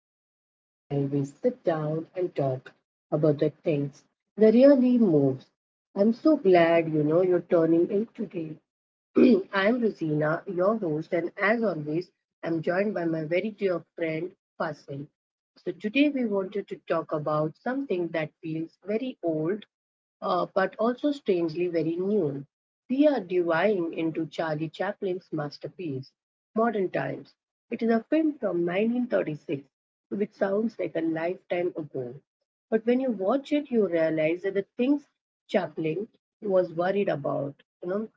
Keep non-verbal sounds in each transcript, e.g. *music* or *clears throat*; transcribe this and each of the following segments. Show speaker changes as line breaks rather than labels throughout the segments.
corner where we sit down and talk about the things that really moves. I'm so glad you're turning in today. *clears throat* I am Rosina, your host, and as always, I'm joined by my very dear friend Fasil. So today we wanted to talk about something that feels very old, but also strangely very new. We are diving into Charlie Chaplin's masterpiece, Modern Times. It is a film from 1936, which sounds like a lifetime ago. But when you watch it, you realize that the things Chaplin was worried about, you know,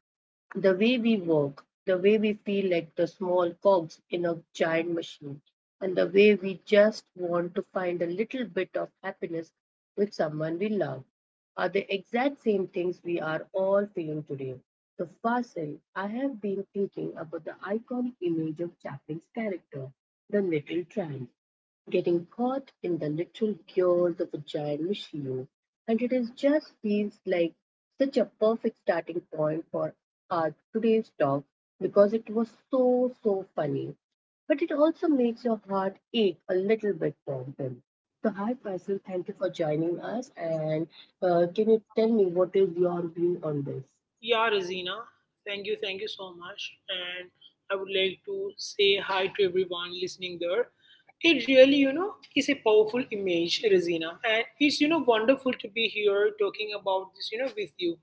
the way we work, the way we feel like the small cogs in a giant machine, and the way we just want to find a little bit of happiness with someone we love are the exact same things we are all feeling today. So, Fasil, I have been thinking about the iconic image of Chaplin's character, the little tramp getting caught in the literal chaos of a giant machine, and it is just feels like such a perfect starting point for our today's talk because it was so funny. But it also makes your heart ache a little bit for them. So hi Faisal, thank you for joining us and can you tell me what is your view on this?
Yeah, Razina. Thank you so much. And I would like to say hi to everyone listening there. It really is a powerful image, Razina, and it's wonderful to be here talking about this with you.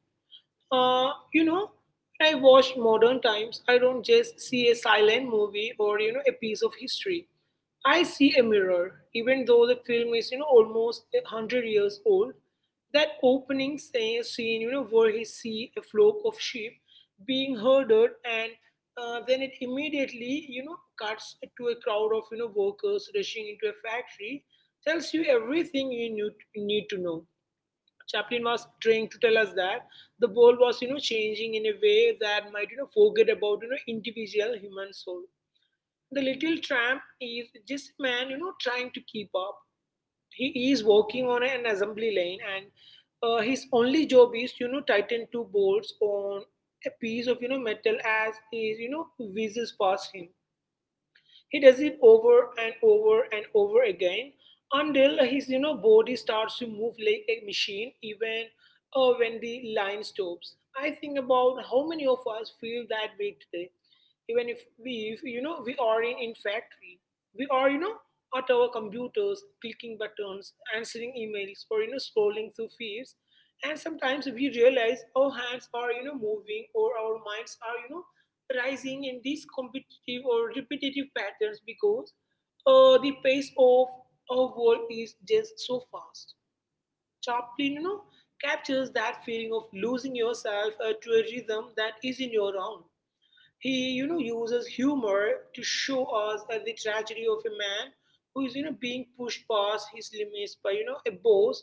Uh, you know, when I watch Modern Times, I don't just see a silent movie or a piece of history. I see a mirror, even though the film is almost a hundred years old. That opening scene where he see a flock of sheep being herded, and then it immediately cuts to a crowd of workers rushing into a factory, tells you everything you need to know. Chaplin was trying to tell us that the world was changing in a way that might forget about, individual human soul. The little tramp is just a man, trying to keep up. He is working on an assembly line and, his only job is, tighten two bolts on a piece of, metal as he, whizzes past him. He does it over and over and over again until his body starts to move like a machine even, when the line stops. I think about how many of us feel that way today. Even if we are in factory, we are at our computers clicking buttons, answering emails or scrolling through feeds, and sometimes we realize our hands are moving or our minds are rising in these competitive or repetitive patterns because, the pace of our world is just so fast. Chaplin captures that feeling of losing yourself, to a rhythm that isn't your own. He uses humor to show us the tragedy of a man who is being pushed past his limits by a boss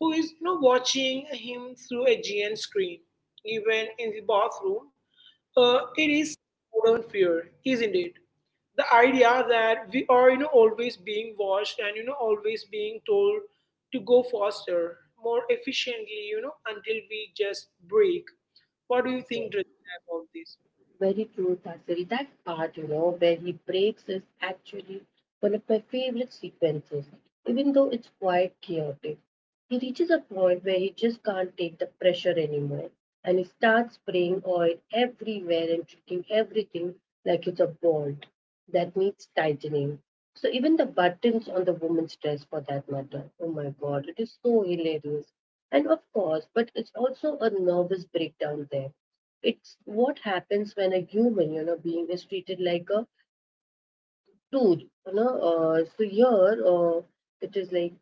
who is watching him through a giant screen. Even in the bathroom, it is modern fear, isn't it? The idea that we are always being watched and always being told to go faster, more efficiently, until we just break. What do you think, Drishti, about this?
Very true, Tasil. That part, where he breaks is actually one of my favorite sequences. Even though it's quite chaotic, he reaches a point where he just can't take the pressure anymore and he starts spraying oil everywhere and treating everything like it's a bolt that needs tightening. So, even the buttons on the woman's dress, for that matter, oh my god, it is so hilarious. And of course, but it's also a nervous breakdown there it's what happens when a human, being is treated like a tool. So here, it is like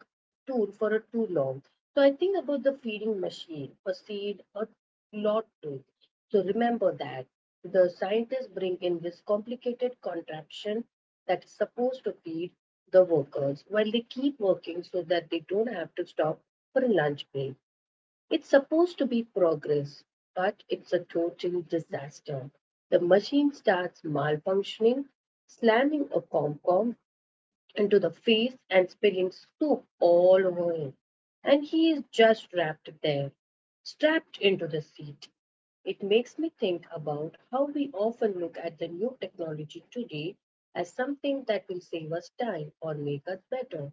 tool for a too long. So I think about the feeding machine, a seed, a lot too. So remember that the scientists bring in this complicated contraption that is supposed to feed the workers while they keep working so that they don't have to stop for a lunch break. It's supposed to be progress, but it's a total disaster. The machine starts malfunctioning, slamming a Comcom into the face and spilling soup all over him. And he is just wrapped there, strapped into the seat. It makes me think about how we often look at the new technology today as something that will save us time or make us better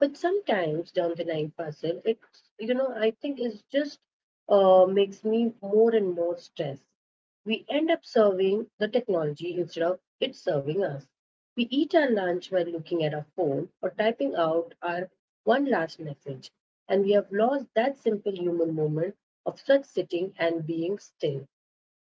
but sometimes down the line puzzle it's I think it's just makes me more and more stressed. We end up serving the technology instead of it serving us. We eat our lunch while looking at our phone or typing out our one last message and we have lost that simple human moment of just sitting and being still.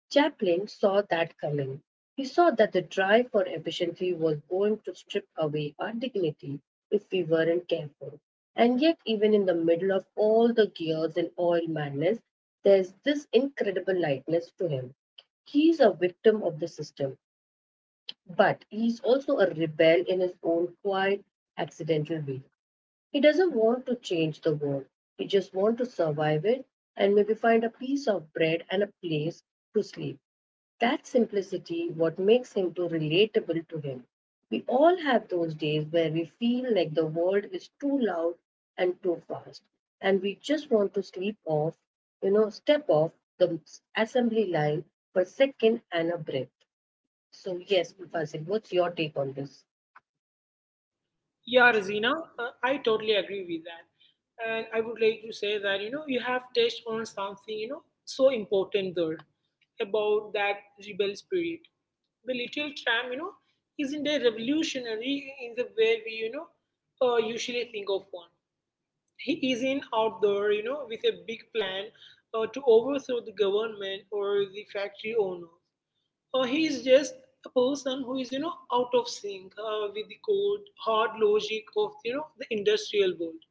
Chaplin saw that coming. He saw that the drive for efficiency was going to strip away our dignity if we weren't careful. And yet, even in the middle of all the gears and oil madness, there's this incredible lightness to him. He's a victim of the system, but he's also a rebel in his own quiet, accidental way. He doesn't want to change the world. He just wants to survive it and maybe find a piece of bread and a place to sleep. That simplicity what makes him too relatable to him. We all have those days where we feel like the world is too loud and too fast and we just want to sleep off, step off the assembly line for a second and a breath. So yes, Fasil, what's your take on this?
Yeah, Razina, I totally agree with that. And I would like to say that, you have touched on something, so important there about that rebel spirit. The little tram, isn't a revolutionary in the way we, usually think of one. He isn't out there, with a big plan to overthrow the government or the factory owners, or he is just a person who is out of sync with the cold hard logic of the industrial world.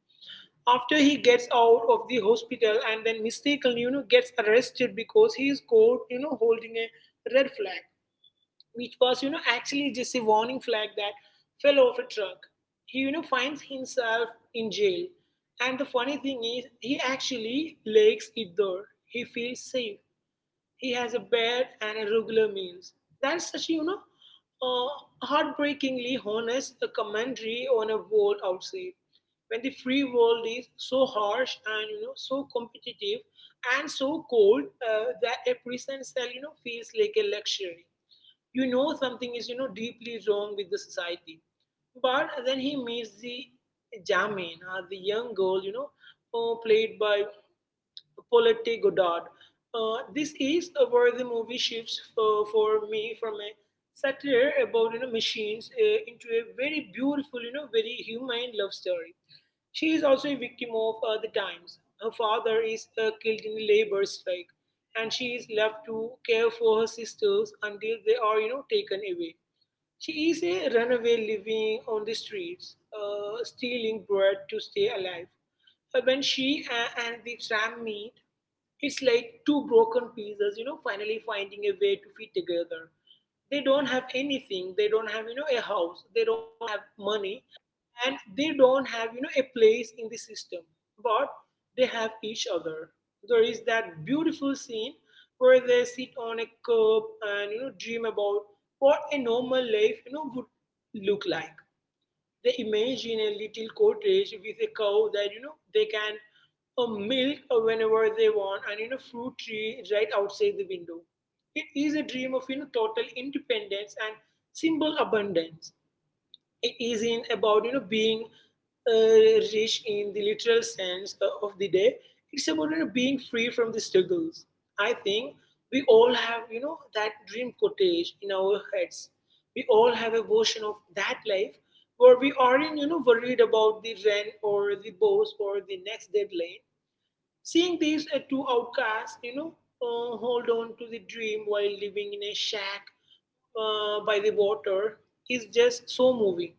After he gets out of the hospital and then mistakenly gets arrested because he is caught holding a red flag, which was actually just a warning flag that fell off a truck, he finds himself in jail. And the funny thing is he actually likes it there. He feels safe. He has a bed and a regular meals. That's such, a heartbreakingly honest a commentary on a world outside. When the free world is so harsh and so competitive and so cold that a prison cell feels like a luxury. You know something is deeply wrong with the society. But then he meets the Jamin, the young girl, played by Paulette Goddard. This is where the movie shifts for me from a satire about machines into a very beautiful, very humane love story. She is also a victim of the times. Her father is killed in a labor strike, and she is left to care for her sisters until they are, taken away. She is a runaway living on the streets, stealing bread to stay alive. When and the tram meet, it's like two broken pieces, finally finding a way to fit together. They don't have anything. They don't have, a house. They don't have money and they don't have a place in the system, but they have each other. There is that beautiful scene where they sit on a curb and dream about what a normal life would look like. They imagine a little cottage with a cow that they can milk whenever they want and fruit tree right outside the window. It is a dream of total independence and simple abundance. It is in about being rich in the literal sense of the day. It's about being free from the struggles. I think we all have, that dream cottage in our heads. We all have a version of that life where we aren't, worried about the rent or the boss or the next deadline. Seeing these two outcasts, hold on to the dream while living in a shack by the water is just so moving.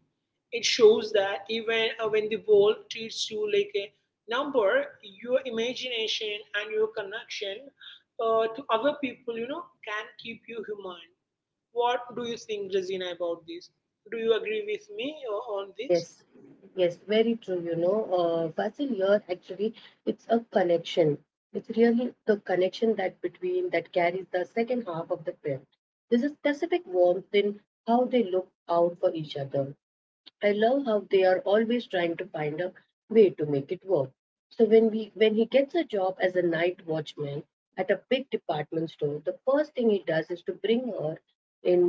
It shows that even when the world treats you like a number, your imagination and your connection to other people, can keep you human. What do you think, Razina, about this? Do you agree with me on this?
Yes, yes, very true. Fasil here actually, it's a connection. It's really the connection that between that carries the second half of the film. There's a specific warmth in how they look out for each other. I love how they are always trying to find a way to make it work. So when he gets a job as a night watchman at a big department store, the first thing he does is to bring her in,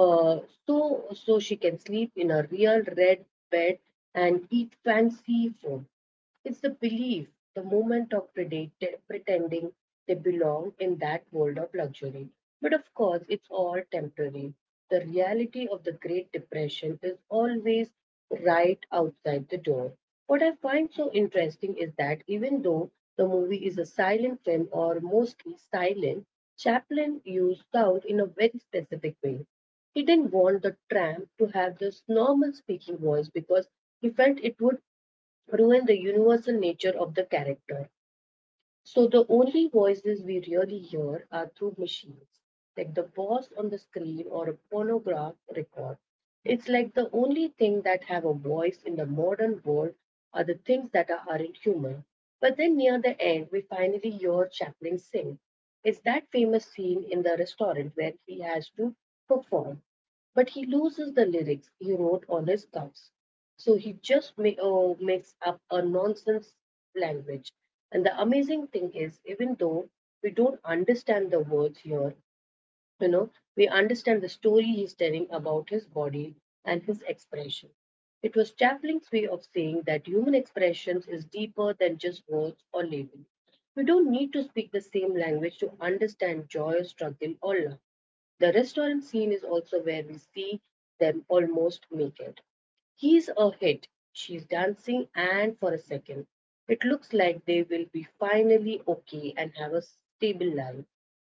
uh, so she can sleep in a real red bed and eat fancy food. It's the belief, the moment of pretending they belong in that world of luxury. But of course, it's all temporary. The reality of the Great Depression is always right outside the door. What I find so interesting is that even though the movie is a silent film or mostly silent, Chaplin used sound in a very specific way. He didn't want the tramp to have this normal speaking voice because he felt it would ruin the universal nature of the character. So the only voices we really hear are through machines, like the boss on the screen or a pornograph record. It's like the only thing that have a voice in the modern world are the things aren't human. But then near the end, we finally hear Chaplin sing. It's that famous scene in the restaurant where he has to perform, but he loses the lyrics he wrote on his cuffs. So he just makes up a nonsense language. And the amazing thing is, even though we don't understand the words here, you know, we understand the story he's telling about his body and his expression. It was Chaplin's way of saying that human expressions is deeper than just words or labels. We don't need to speak the same language to understand joy, struggle, or love. The restaurant scene is also where we see them almost make it. He's a hit. She's dancing, and for a second, it looks like they will be finally okay and have a stable life.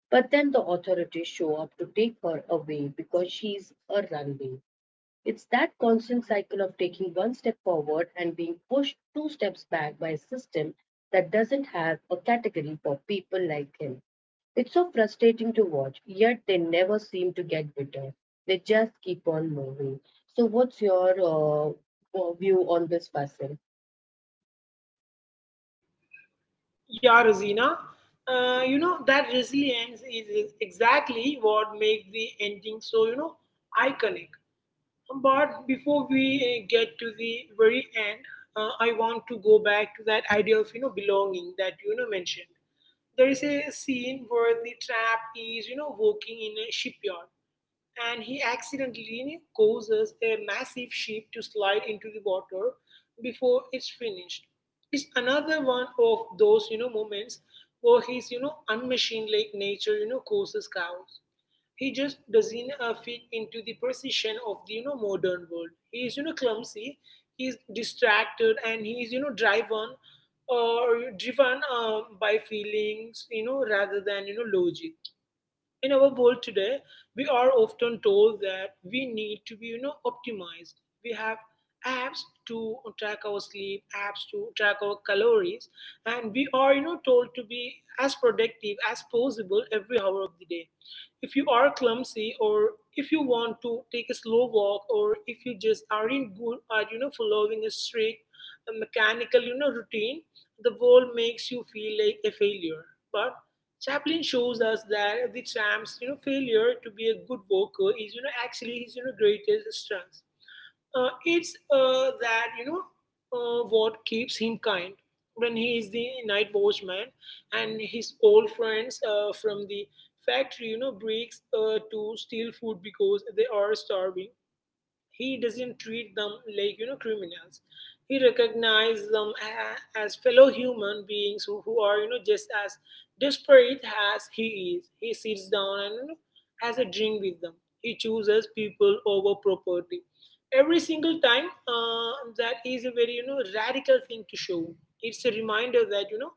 But then the authorities show up to take her away because she's a runaway. It's that constant cycle of taking one step forward and being pushed two steps back by a system that doesn't have a category for people like him. It's so frustrating to watch, yet they never seem to get better. They just keep on moving. So, what's your view on this person?
Yeah, Razina. That resilience is exactly what makes the ending so iconic. But before we get to the very end, I want to go back to that idea of belonging that mentioned. There is a scene where the trap is working in a shipyard, and he accidentally causes a massive ship to slide into the water before it's finished. It's another one of those moments where his unmachine like nature causes chaos. He just doesn't fit into the precision of the modern world. He is clumsy, he is distracted, and he is driven or driven by feelings, rather than logic. In our world today, we are often told that we need to be optimized. We have apps to track our sleep, apps to track our calories, and we are told to be as productive as possible every hour of the day. If you are clumsy or if you want to take a slow walk or if you just aren't good at following a strict mechanical routine, the world makes you feel like a failure. But Chaplin shows us that the tramp's failure to be a good worker is actually his greatest strength. It's what keeps him kind. When he is the night watchman and his old friends from the factory, breaks to steal food because they are starving, he doesn't treat them like criminals. He recognizes them as fellow human beings who are just as desperate as he is. He sits down and has a drink with them. He chooses people over property. Every single time, that is a very radical thing to show. It's a reminder that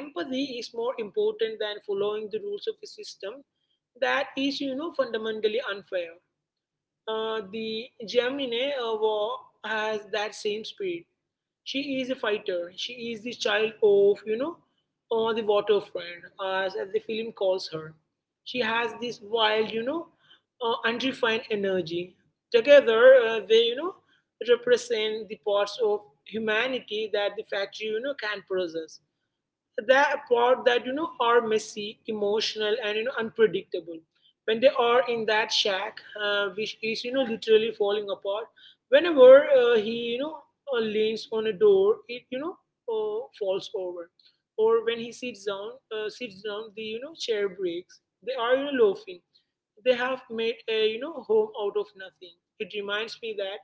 empathy is more important than following the rules of a system that is fundamentally unfair. The Gemini war has that same speed. She is a fighter. She is the child of, the waterfront, as the film calls her. She has this wild, unrefined energy. Together, they represent the parts of humanity that the factory, can process, that part that are messy, emotional, and unpredictable. When they are in that shack, which is literally falling apart, whenever he leans on a door, it falls over, or when he sits down, the chair breaks. They are laughing, they have made a home out of nothing. It reminds me that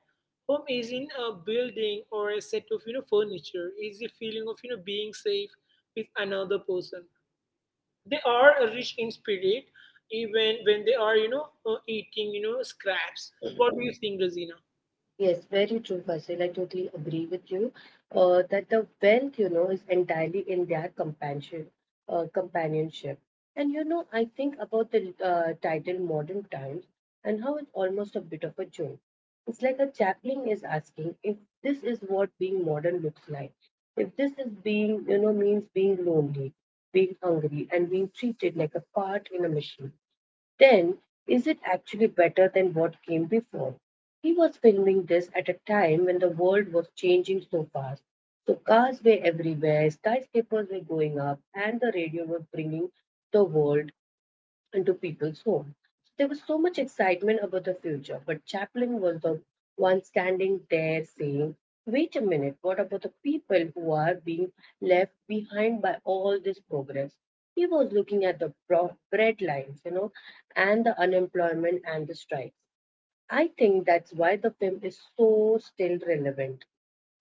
home isn't a building or a set of furniture. It's the feeling of being safe with another person. They are rich in spirit even when they are eating scraps. What do you think, Razina?
Yes, very true, Fasil. I totally agree with you that the wealth, is entirely in their companionship. I think about the title Modern Times and how it's almost a bit of a joke. It's like a chaplain is asking if this is what being modern looks like. If this is being, means being lonely, being hungry, and being treated like a part in a machine. Then, is it actually better than what came before? He was filming this at a time when the world was changing so fast. So, cars were everywhere, skyscrapers were going up, and the radio was bringing the world into people's homes. There was so much excitement about the future, but Chaplin was the one standing there saying, "Wait a minute, what about the people who are being left behind by all this progress?" He was looking at the bread lines, and the unemployment and the strikes. I think that's why the film is so still relevant.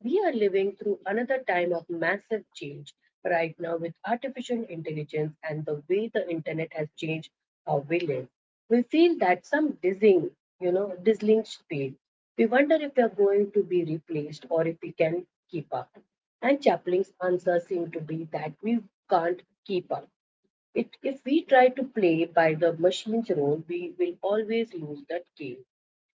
We are living through another time of massive change right now with artificial intelligence and the way the internet has changed how we live. We feel that some dizzying speed. We wonder if we are going to be replaced or if we can keep up. And Chaplin's answer seemed to be that we can't keep up. It, if we try to play by the machine's role, we will always lose that game.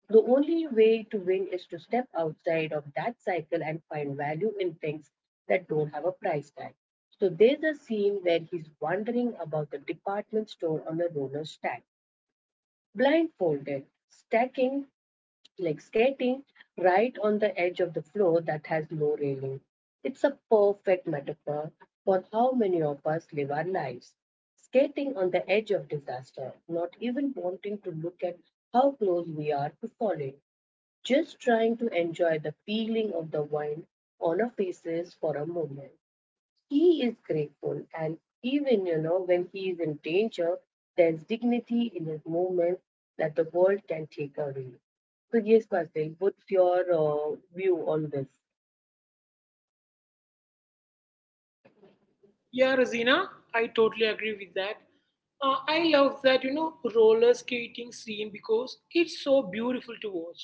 The only way to win is to step outside of that cycle and find value in things that don't have a price tag. So there's a scene where he's wandering about the department store on a roller stack, blindfolded, stacking, like skating, right on the edge of the floor that has no railing. It's a perfect metaphor for how many of us live our lives. Skating on the edge of disaster, not even wanting to look at how close we are to falling just trying to enjoy the feeling of the wine on our faces for a moment. He is grateful, and even when he is in danger, there's dignity in his movements that the world can take away. So yes, Karthik, what's your view on this?
Yeah, Razina, I totally agree with that. I love that, roller skating scene because it's so beautiful to watch.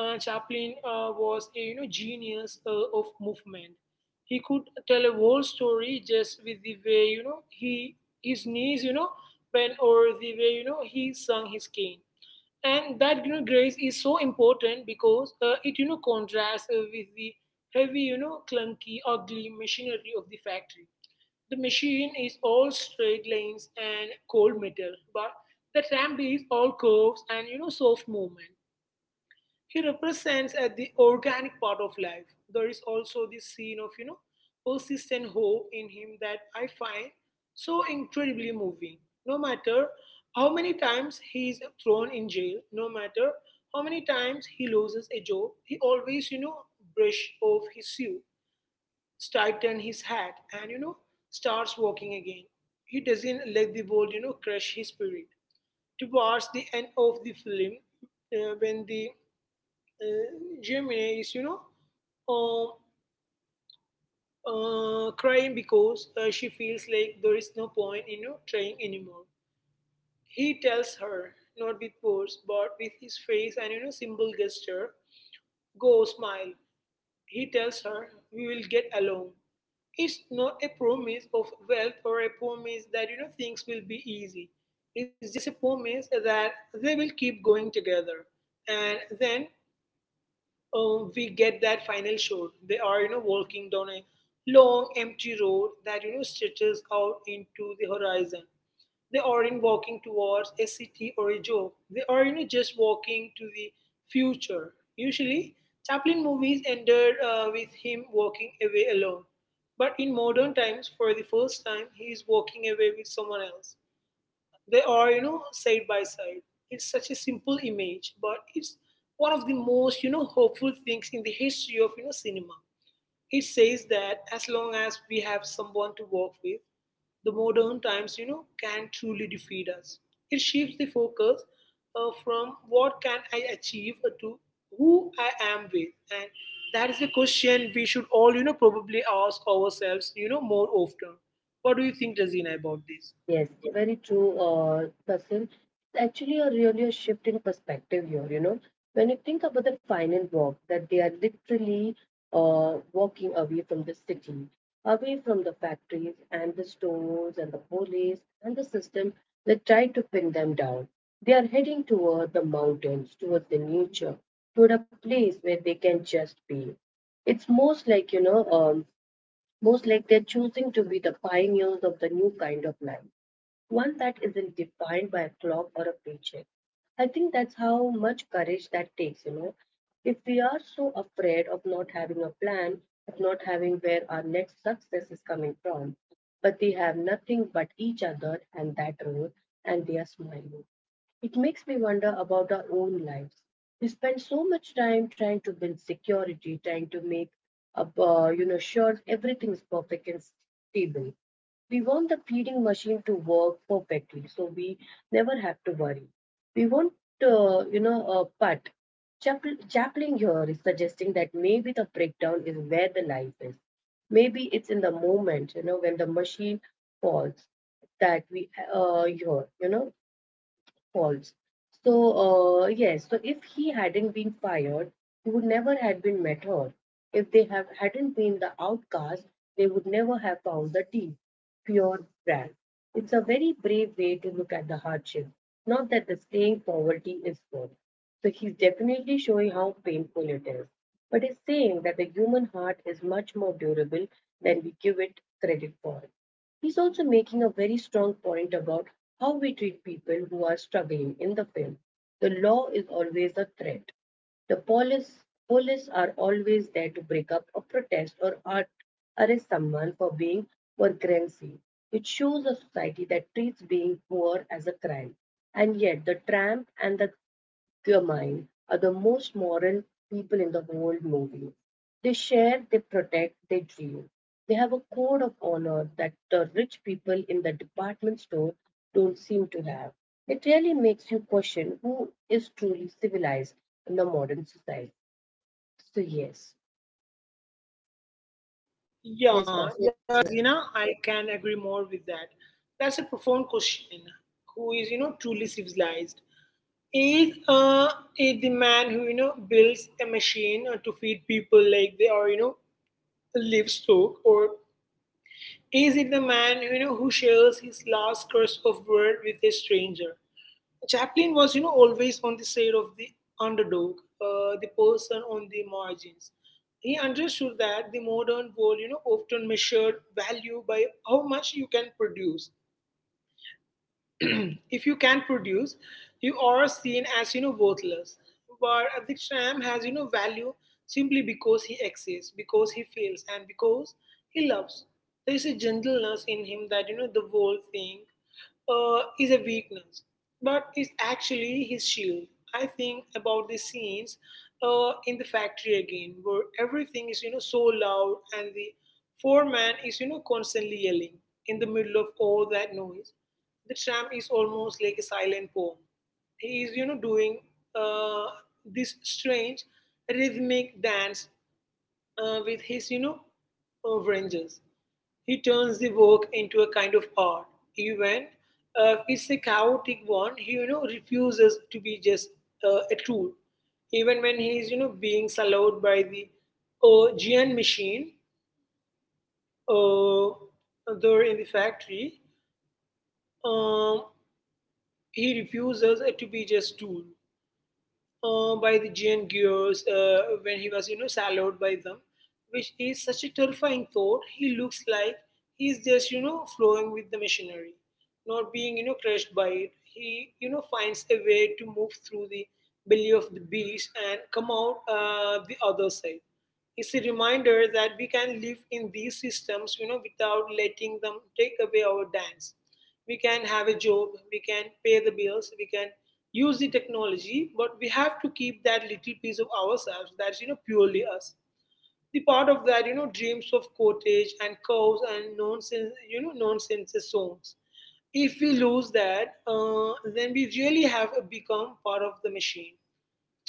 Chaplin was a genius of movement. He could tell a whole story just with the way you know he his knees, bent, or the way he swung his cane, and that grace is so important because it contrasts with the heavy, clunky, ugly machinery of the factory. The machine is all straight lanes and cold metal, but the ramp is all curves and soft movement. He represents the organic part of life. There is also this scene of, you know, persistent hope in him that I find so incredibly moving. No matter how many times he is thrown in jail, no matter how many times he loses a job, he always, brush off his shoe, tighten his hat, and starts walking again. He doesn't let the world, crush his spirit. Towards the end of the film, when the uh, Gemini isum, crying because she feels like there is no point in trying anymore. He tells her, not with words, but with his face and, simple gesture, go smile. He tells her, we will get along. It's not a promise of wealth or a promise that, things will be easy. It's just a promise that they will keep going together. And then we get that final shot. They are, walking down a long empty road that, stretches out into the horizon. They aren't walking towards a city or a job. They are, just walking to the future. Usually, Chaplin movies ended with him walking away alone. But in modern times, for the first time, he is walking away with someone else. They are, side by side. It's such a simple image, but it's one of the most, hopeful things in the history of, cinema. It says that as long as we have someone to work with, the modern times, can truly defeat us. It shifts the focus from what can I achieve to who I am with, and that is a question we should all, probably ask ourselves, more often. What do you think, Razina, about this?
Yes, very true, Tasin. It's actually a really a shift in perspective here, you know. When you think about the final walk, that they are literally walking away from the city, away from the factories and the stores and the police and the system that try to pin them down. They are heading toward the mountains, towards the nature, toward a place where they can just be. It's most like, most like they're choosing to be the pioneers of the new kind of life, one that isn't defined by a clock or a paycheck. I think that's how much courage that takes, you know. If we are so afraid of not having a plan, of not having where our next success is coming from, but they have nothing but each other and that road, and they are smiling. It makes me wonder about our own lives. We spend so much time trying to build security, trying to make up, you know, sure everything's perfect and stable. We want the feeding machine to work perfectly, so we never have to worry. We want, you know, a but Chaplin here is suggesting that maybe the breakdown is where the life is. Maybe it's in the moment, you know, when the machine falls that we hear, you know, False. So, yes, so if he hadn't been fired, he would never have been met her. If they have hadn't been the outcast, they would never have found the tea. Pure brand. It's a very brave way to look at the hardship. Not that the staying poverty is good. So he's definitely showing how painful it is. But he's saying that the human heart is much more durable than we give it credit for. He's also making a very strong point about how we treat people who are struggling in the film. The law is always a threat. The police, Police are always there to break up a protest or arrest someone for being vagrancy. It shows a society that treats being poor as a crime. And yet, the tramp and the Guillermine are the most moral people in the whole movie. They share, they protect, they dream. They have a code of honor that the rich people in the department store don't seem to have. It really makes you question who is truly civilized in the modern society. So yes, yes,
Yeah,
Basil.
yeah, Razina, I can agree more with that. That's a profound question. Who is, truly civilized? Is uh, is the man who, builds a machine to feed people like they are, live stock, or is it the man, who shares his last curse of word with a stranger? Chaplin was, always on the side of the underdog, the person on the margins. He understood that the modern world, often measured value by how much you can produce. If you can produce, you are seen as worthless. But Adhik Shyam has value simply because he exists, because he feels, and because he loves. There is a gentleness in him that the world thing is a weakness, but it's actually his shield. I think about the scenes in the factory again, where everything is, so loud and the foreman is, constantly yelling in the middle of all that noise. The tramp is almost like a silent poem. He is, doing uh, this strange rhythmic dance with his, ranges. He turns the work into a kind of art. Even if it's a chaotic one, he, refuses to be just a tool. Even when he is, being swallowed by the Gian machine uh, there in the factory, um, he refuses to be just tool. By the giant gears when he was, swallowed by them, which is such a terrifying thought. He looks like he's just, flowing with the machinery, not being, crushed by it. He, finds a way to move through the belly of the beast and come out the other side. It's a reminder that we can live in these systems, without letting them take away our dance. We can have a job, we can pay the bills, we can use the technology, but we have to keep that little piece of ourselves that's purely us. The part of that dreams of cottage and cows and nonsense nonsense songs. If we lose that, then we really have become part of the machine.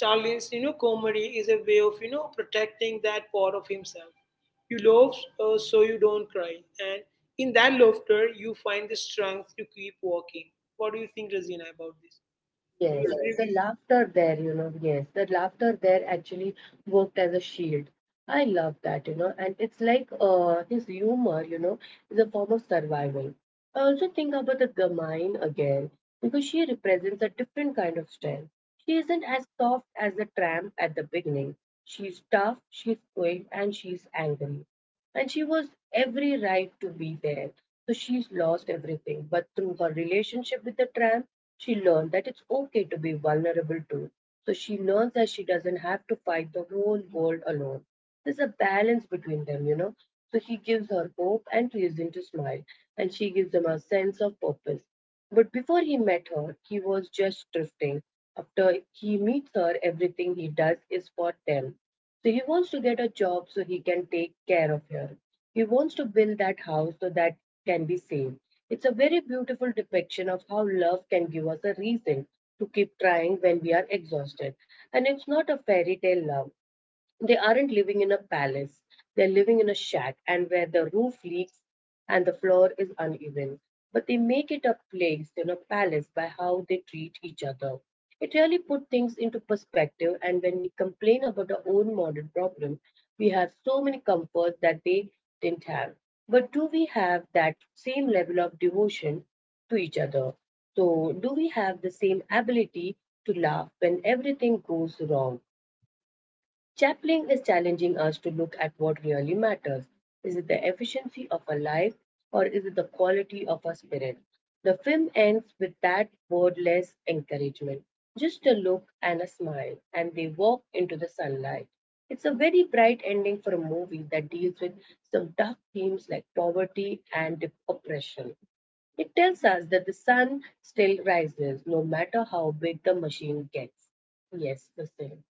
Charlie's comedy is a way of protecting that part of himself. You love so you don't cry, and in that laughter you find the strength to keep walking. What do you think, Razina, about this? Do you, yes,
Yes,
agree
the
with?
laughter there, actually worked as a shield. I love that, you know, and it's like this humor, you know, is a form of survival. I also think about the Gamine again because she represents a different kind of strength. She isn't as soft as the tramp at the beginning. She's tough, she's quick, and she's angry and she was every right to be there. So she's lost everything. But through her relationship with the tramp, she learned that it's okay to be vulnerable too. So she learns that she doesn't have to fight the whole world alone. There's a balance between them, you know. So he gives her hope and reason to smile, and she gives him a sense of purpose. But before he met her, he was just drifting. After he meets her, everything he does is for them. So he wants to get a job so he can take care of her. He wants to build that house so that can be saved. It's a very beautiful depiction of how love can give us a reason to keep trying when we are exhausted. And it's not a fairy tale love. They aren't living in a palace. They're living in a shack and where the roof leaks and the floor is uneven. But they make it a place, you know, palace by how they treat each other. It really put things into perspective and when we complain about our own modern problem, we have so many comforts that they didn't have. But do we have that same level of devotion to each other? So do we have the same ability to laugh when everything goes wrong? Chaplin is challenging us to look at what really matters. Is it the efficiency of a life or is it the quality of a spirit? The film ends with that wordless encouragement just a look and a smile, and they walk into the sunlight. It's a very bright ending for a movie that deals with some dark themes like poverty and oppression. It tells us that the sun still rises no matter how big the machine gets. Yes, the same.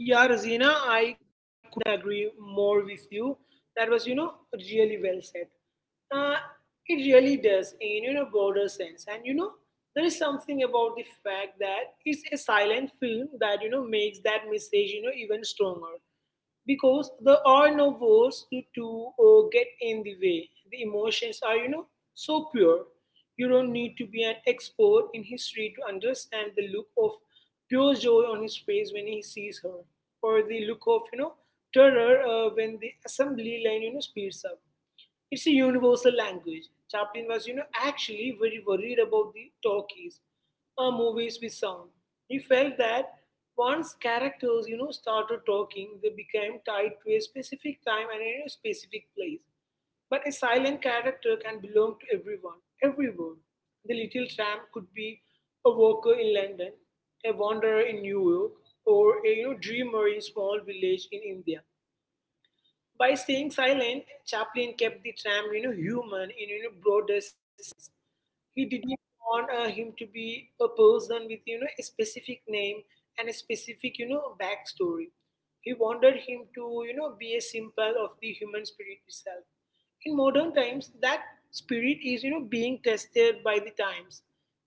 Yeah, Rosina, I couldn't agree more with you. That was, really well said. Uh, it really does in, broader sense. There is something about the fact that it's a silent film that, makes that message, even stronger, because there are no words to get in the way. The emotions are, so pure. You don't need to be an expert in history to understand the look of pure joy on his face when he sees her, or the look of, terror when the assembly line, speeds up. It's a universal language. Chaplin was, actually very worried about the talkies, movies with sound. He felt that once characters, started talking, they became tied to a specific time and a specific place. But a silent character can belong to everyone, everywhere. The little tramp could be a worker in London, a wanderer in New York, or a dreamer in small village in India. By staying silent, Chaplin kept the tram, human in broadest sense. He didn't want him to be a person with a specific name and a specific backstory. He wanted him to, be a symbol of the human spirit itself. In modern times, that spirit is, being tested by the times.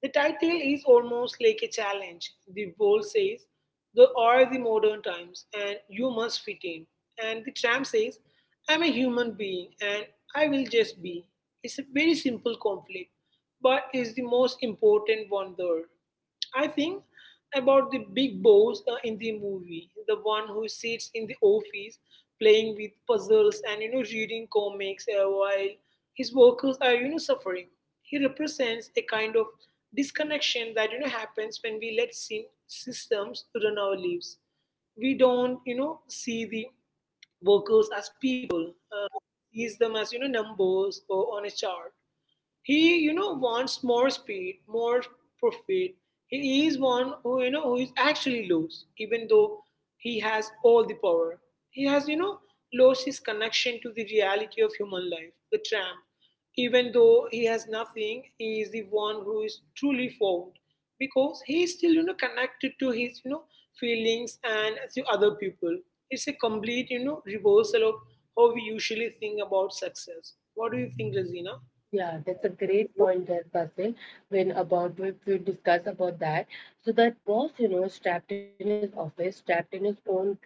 The title is almost like a challenge. The wall says, "There are the modern times, and you must fit in." And the tramp says, "I'm a human being, and I will just be." It's a very simple conflict, but it's the most important one there. I think about the big boss in the movie, the one who sits in the office playing with puzzles and reading comics while his workers are suffering. He represents a kind of disconnection that happens when we let systems run our lives. We don't see the workers as people, sees them as numbers or on a chart. He wants more speed, more profit. He is one who you know who is actually lost, even though he has all the power. He has lost his connection to the reality of human life. The tramp, even though he has nothing, he is the one who is truly found because he is still connected to his feelings and to other people. It's a complete reversal of how we usually think about success. What do you think, Razina?
Yeah, that's a great point there, Basil. When about we discuss about that. So that boss, you know, is trapped in his office, trapped in his own creed.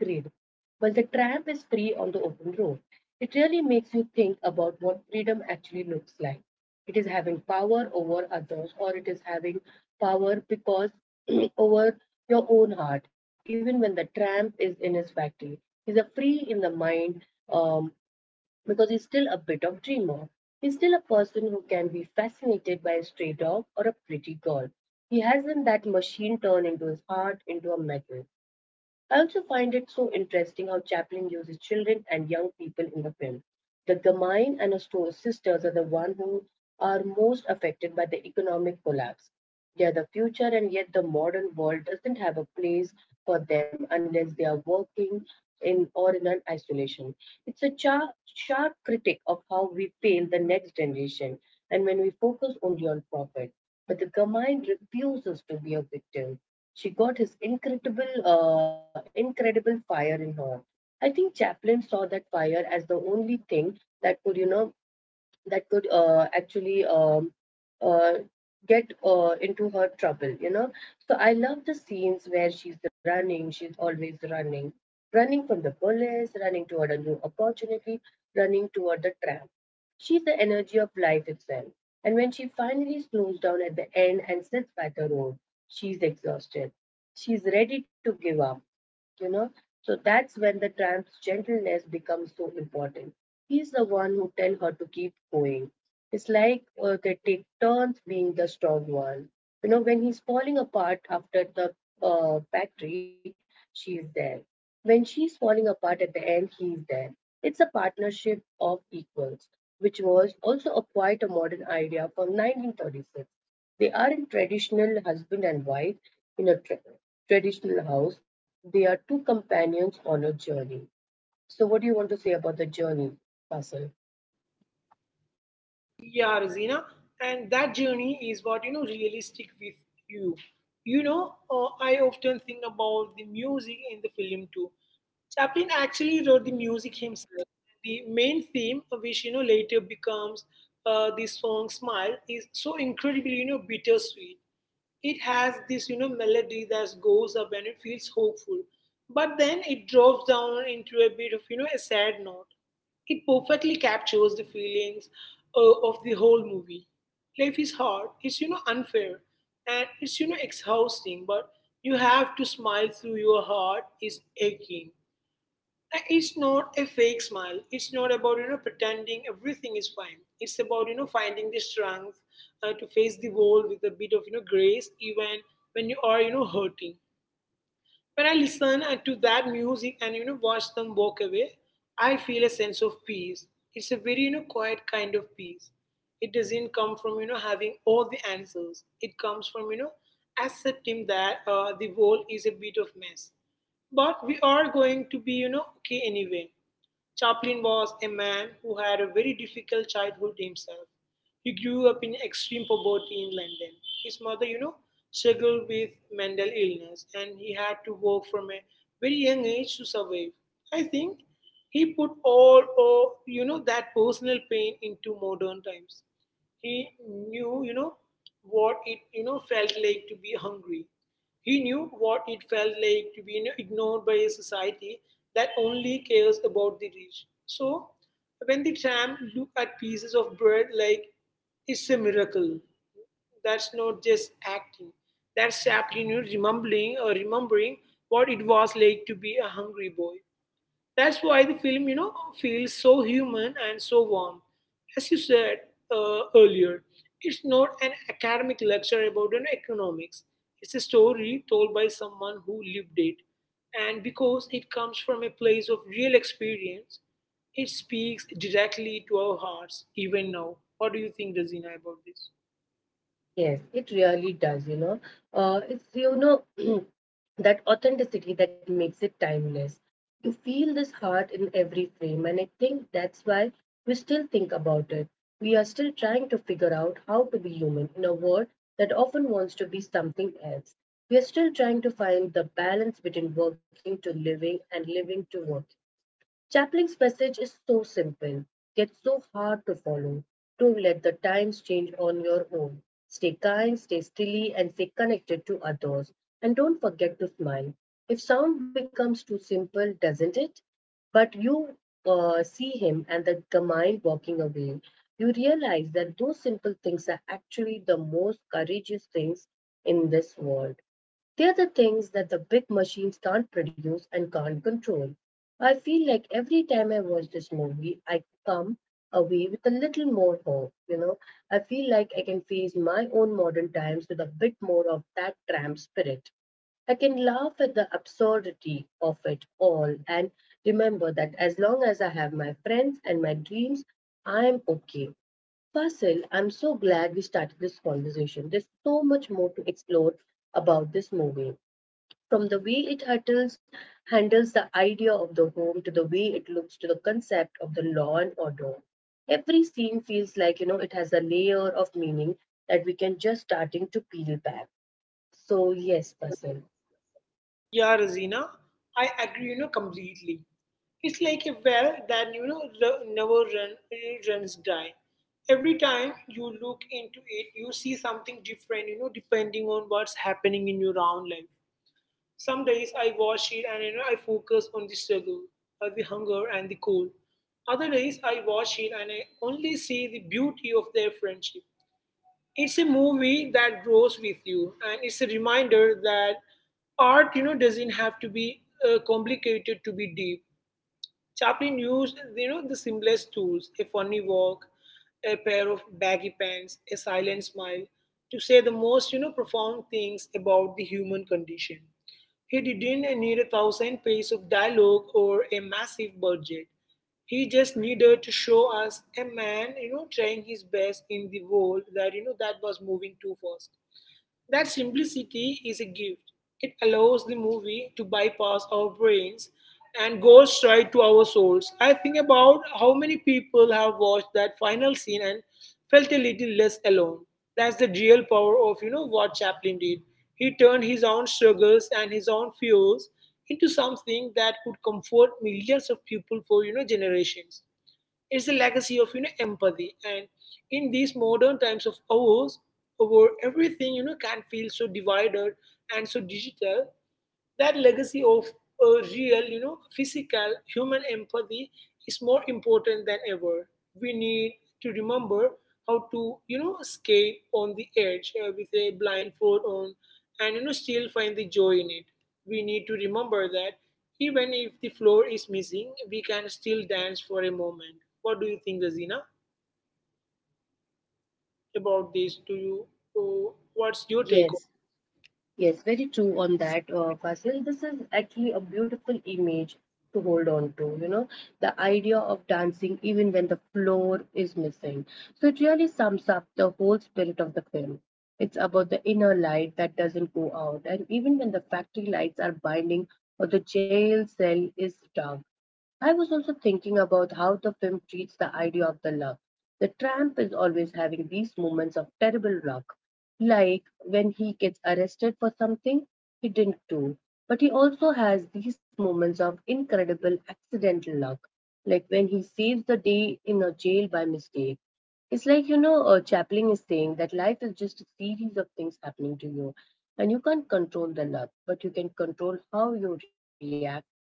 While the tramp is free on the open road. It really makes you think about what freedom actually looks like. It is having power over others, or it is having power because *clears throat* over your own heart. Even when the tramp is in his factory, he's a free in the mind. Um, because he's still a bit of dreamer. He's still a person who can be fascinated by a stray dog or a pretty girl. He hasn't that machine turn into his heart into a metal. I also find it so interesting how Chaplin uses children and young people in the film. The Gamine and her store sisters are the ones who are most affected by the economic collapse. Yeah, the future and yet the modern world doesn't have a place for them unless they are working in or in an isolation. It's a sharp critic of how we fail the next generation and when we focus only on profit. But the Gamine refuses to be a victim. She got his incredible, incredible fire in her. I think Chaplin saw that fire as the only thing that could, you know, that could actually uh, get into her trouble, you know. So I love the scenes where she's running, she's always running, running from the police, running toward a new opportunity, running toward the tram. She's the energy of life itself. And when she finally slows down at the end and sits by the road, she's exhausted. She's ready to give up, you know. So that's when the tramp's gentleness becomes so important. He's the one who tells her to keep going. It's like they take turns being the strong one, you know. When he's falling apart after the factory, she's there. When she's falling apart at the end, he's there. It's a partnership of equals, which was also a quite a modern idea from 1936. They aren't traditional husband and wife in a traditional house. They are two companions on a journey. So, what do you want to say about the journey, Faisal?
Yeah, Rosina, and that journey is what really stick with you. I often think about the music in the film too. Chaplin actually wrote the music himself. The main theme, which later becomes the song "Smile," is so incredibly bittersweet. It has this melody that goes up and it feels hopeful, but then it drops down into a bit of a sad note. It perfectly captures the feelings of the whole movie. Life is hard, it's unfair, and it's exhausting, but you have to smile through your heart is aching. And it's not a fake smile. It's not about pretending everything is fine. It's about finding the strength to face the world with a bit of grace, even when you are hurting. When I listen to that music and watch them walk away, I feel a sense of peace. It's a very quiet kind of peace. It doesn't come from having all the answers. It comes from accepting that the world is a bit of mess, but we are going to be okay anyway. Chaplin was a man who had a very difficult childhood himself. He grew up in extreme poverty in London. His mother, struggled with mental illness and he had to work from a very young age to survive. I think he put all of that personal pain into modern times. He knew what it felt like to be hungry. He knew what it felt like to be ignored by a society that only cares about the rich. So, when the tramp look at pieces of bread like it's a miracle, that's not just acting. That's simply remembering or remembering what it was like to be a hungry boy. That's why the film feels so human and so warm. As you said earlier, it's not an academic lecture about economics. It's a story told by someone who lived it, and because it comes from a place of real experience, it speaks directly to our hearts even now. What do you think, Razina, about this?
Yes, it really does, you know. It's, you know, *clears throat* that authenticity that makes it timeless. You feel this heart in every frame, and I think that's why we still think about it. We are still trying to figure out how to be human in a world that often wants to be something else. We are still trying to find the balance between working to living and living to working. Chaplin's message is so simple, yet so hard to follow. Don't let the times change on your own. Stay kind, stay steady, and stay connected to others. And don't forget to smile. If sound becomes too simple, doesn't it? But you see him and the mind walking away. You realize that those simple things are actually the most courageous things in this world. They're the things that the big machines can't produce and can't control. I feel like every time I watch this movie, I come away with a little more hope. You know, I feel like I can face my own modern times with a bit more of that tramp spirit. I can laugh at the absurdity of it all and remember that as long as I have my friends and my dreams, I am okay. Fasil, I'm so glad we started this conversation. There's so much more to explore about this movie. From the way it handles the idea of the home to the way it looks to the concept of the law and order. Every scene feels like, you know, it has a layer of meaning that we can just starting to peel back. So yes, Fasil.
Yeah, Razina, I agree completely. It's like a well that never run, runs dry. Every time you look into it, you see something different. You know, depending on what's happening in your own life. Some days I watch it and I focus on the struggle, or the hunger and the cold. Other days I watch it and I only see the beauty of their friendship. It's a movie that grows with you, and it's a reminder that art doesn't have to be complicated to be deep. Chaplin used the simplest tools, a funny walk, a pair of baggy pants, a silent smile, to say the most profound things about the human condition. He didn't need a thousand pages of dialogue or a massive budget. He just needed to show us a man trying his best in the world that that was moving too fast. That simplicity is a gift. It allows the movie to bypass our brains and go straight to our souls. I think about how many people have watched that final scene and felt a little less alone. That's the real power of what Chaplin did. He turned his own struggles and his own fears into something that could comfort millions of people for generations. It's a legacy of empathy, and in these modern times of ours, where everything can feel so divided and so digital, that legacy of a real physical human empathy is more important than ever. We need to remember how to skate on the edge with a blindfold on and still find the joy in it. We need to remember that even if the floor is missing, we can still dance for a moment. What do you think, Razina, about this? Do you, what's your take on?
Yes. Yes, very true on that, Fasil. This is actually a beautiful image to hold on to, you know, the idea of dancing even when the floor is missing. So it really sums up the whole spirit of the film. It's about the inner light that doesn't go out, and even when the factory lights are blinding or the jail cell is dark, I was also thinking about how the film treats the idea of the luck. The tramp is always having these moments of terrible luck, like when he gets arrested for something he didn't do. But he also has these moments of incredible accidental luck, like when he saves the day in a jail by mistake. It's like, you know, Chaplin is saying that life is just a series of things happening to you, and you can't control the luck, but you can control how you react to it.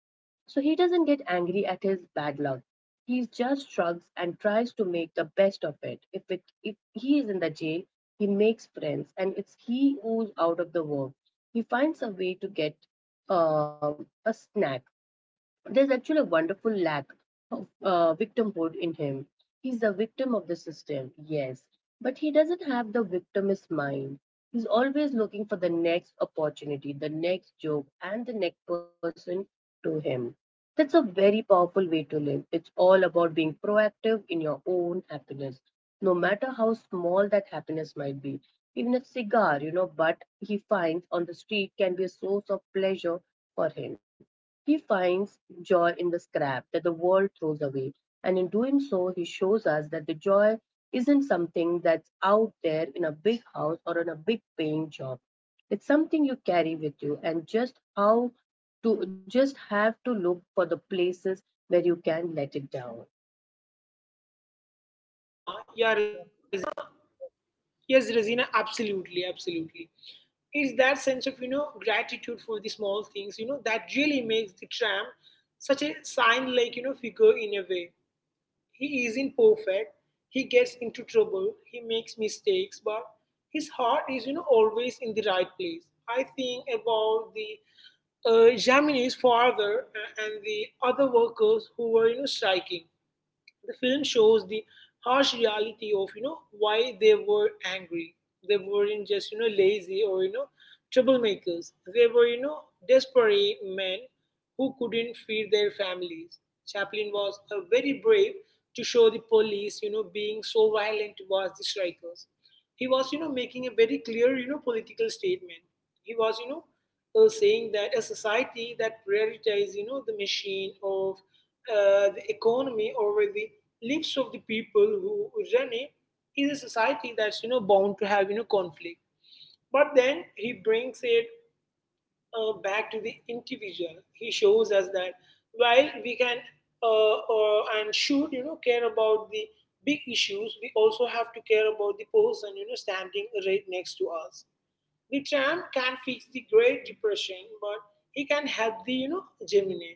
So he doesn't get angry at his bad luck. He just shrugs and tries to make the best of it. If he is in the jail, he makes friends, and it's he who's out of the work. He finds a way to get a snack. There's actually a wonderful lack of victimhood in him. He's a victim of the system, yes, but he doesn't have the victimist mind. He's always looking for the next opportunity, the next joke, and the next person to him. That's a very powerful way to live. It's all about being proactive in your own happiness, no matter how small that happiness might be. Even a cigar, you know, but he finds on the street can be a source of pleasure for him. He finds joy in the scrap that the world throws away, and in doing so, he shows us that the joy isn't something that's out there in a big house or in a big paying job. It's something you carry with you, and just how to just have to look for the places where you can let it down.
Yeah, yeah, Razina. Yes, Razina, absolutely, absolutely. It's that sense of gratitude for the small things that really makes the tramp such a sign like figure in a way. He isn't perfect. He gets into trouble, he makes mistakes, but his heart is always in the right place. I think about the Gemini's father and the other workers who were striking. The film shows the harsh reality of why they were angry. They weren't just lazy or troublemakers. They were desperate men who couldn't feed their families. Chaplin was very brave to show the police being so violent towards the strikers. He was making a very clear political statement. He was saying that a society that prioritizes the machine of the economy over the lives of the people who run it is a society that's bound to have conflict. But then he brings it back to the individual. He shows us that while we can and should care about the big issues, we also have to care about the person standing right next to us. The tram can fix the Great Depression, but he can help the gemini.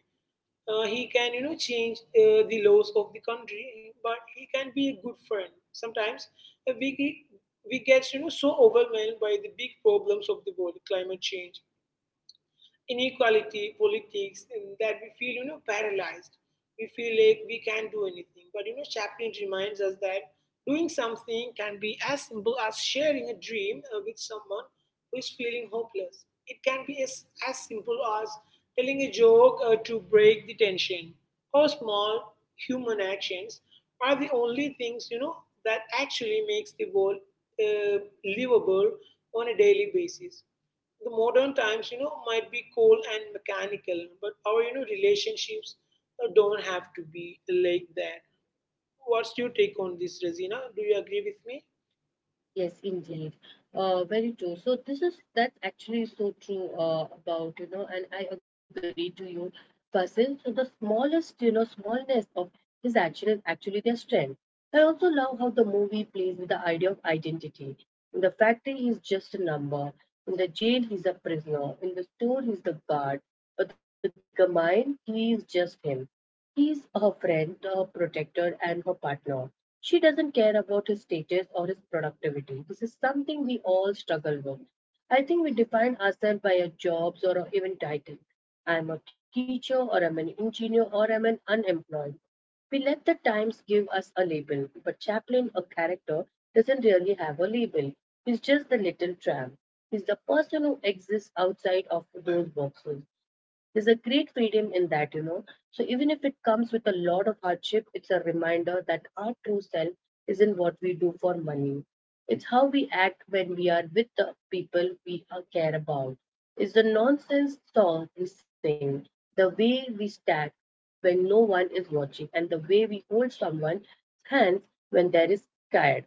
He can change the laws of the country, but he can be a good friend sometimes. uh, we ge- we get so overwhelmed by the big problems of the world, climate change, inequality, politics, and that we feel, paralyzed. We feel like we can't do anything. But, Chaplin reminds us that doing something can be as simple as sharing a dream with someone who is feeling hopeless. It can be as simple as telling a joke to break the tension. Or small human actions are the only things, that actually makes the world uh, livable on a daily basis. The modern times, might be cold and mechanical, but our, relationships don't have to be like that. What's your take on this, Razina? Do you agree with me?
Yes, indeed. Very true. So this is that's actually so true about, you know, and I agree to you, person. So the smallest, you know, smallness of his action is actually their strength. I also love how the movie plays with the idea of identity. In the factory, he's just a number. In the jail, he's a prisoner. In the store, he's the guard. But the gamine, he is just him. He's her friend, her protector, and her partner. She doesn't care about his status or his productivity. This is something we all struggle with. I think we define ourselves by our jobs or our even title. I'm a teacher, or I'm an engineer, or I'm an unemployed. We let the times give us a label, but Chaplin, a character, doesn't really have a label. He's just the little tramp. He's the person who exists outside of those boxes. There's a great freedom in that, you know. So even if it comes with a lot of hardship, it's a reminder that our true self isn't what we do for money. It's how we act when we are with the people we care about. It's the nonsense song we sing, the way we stack, when no one is watching, and the way we hold someone's hands when there is scared.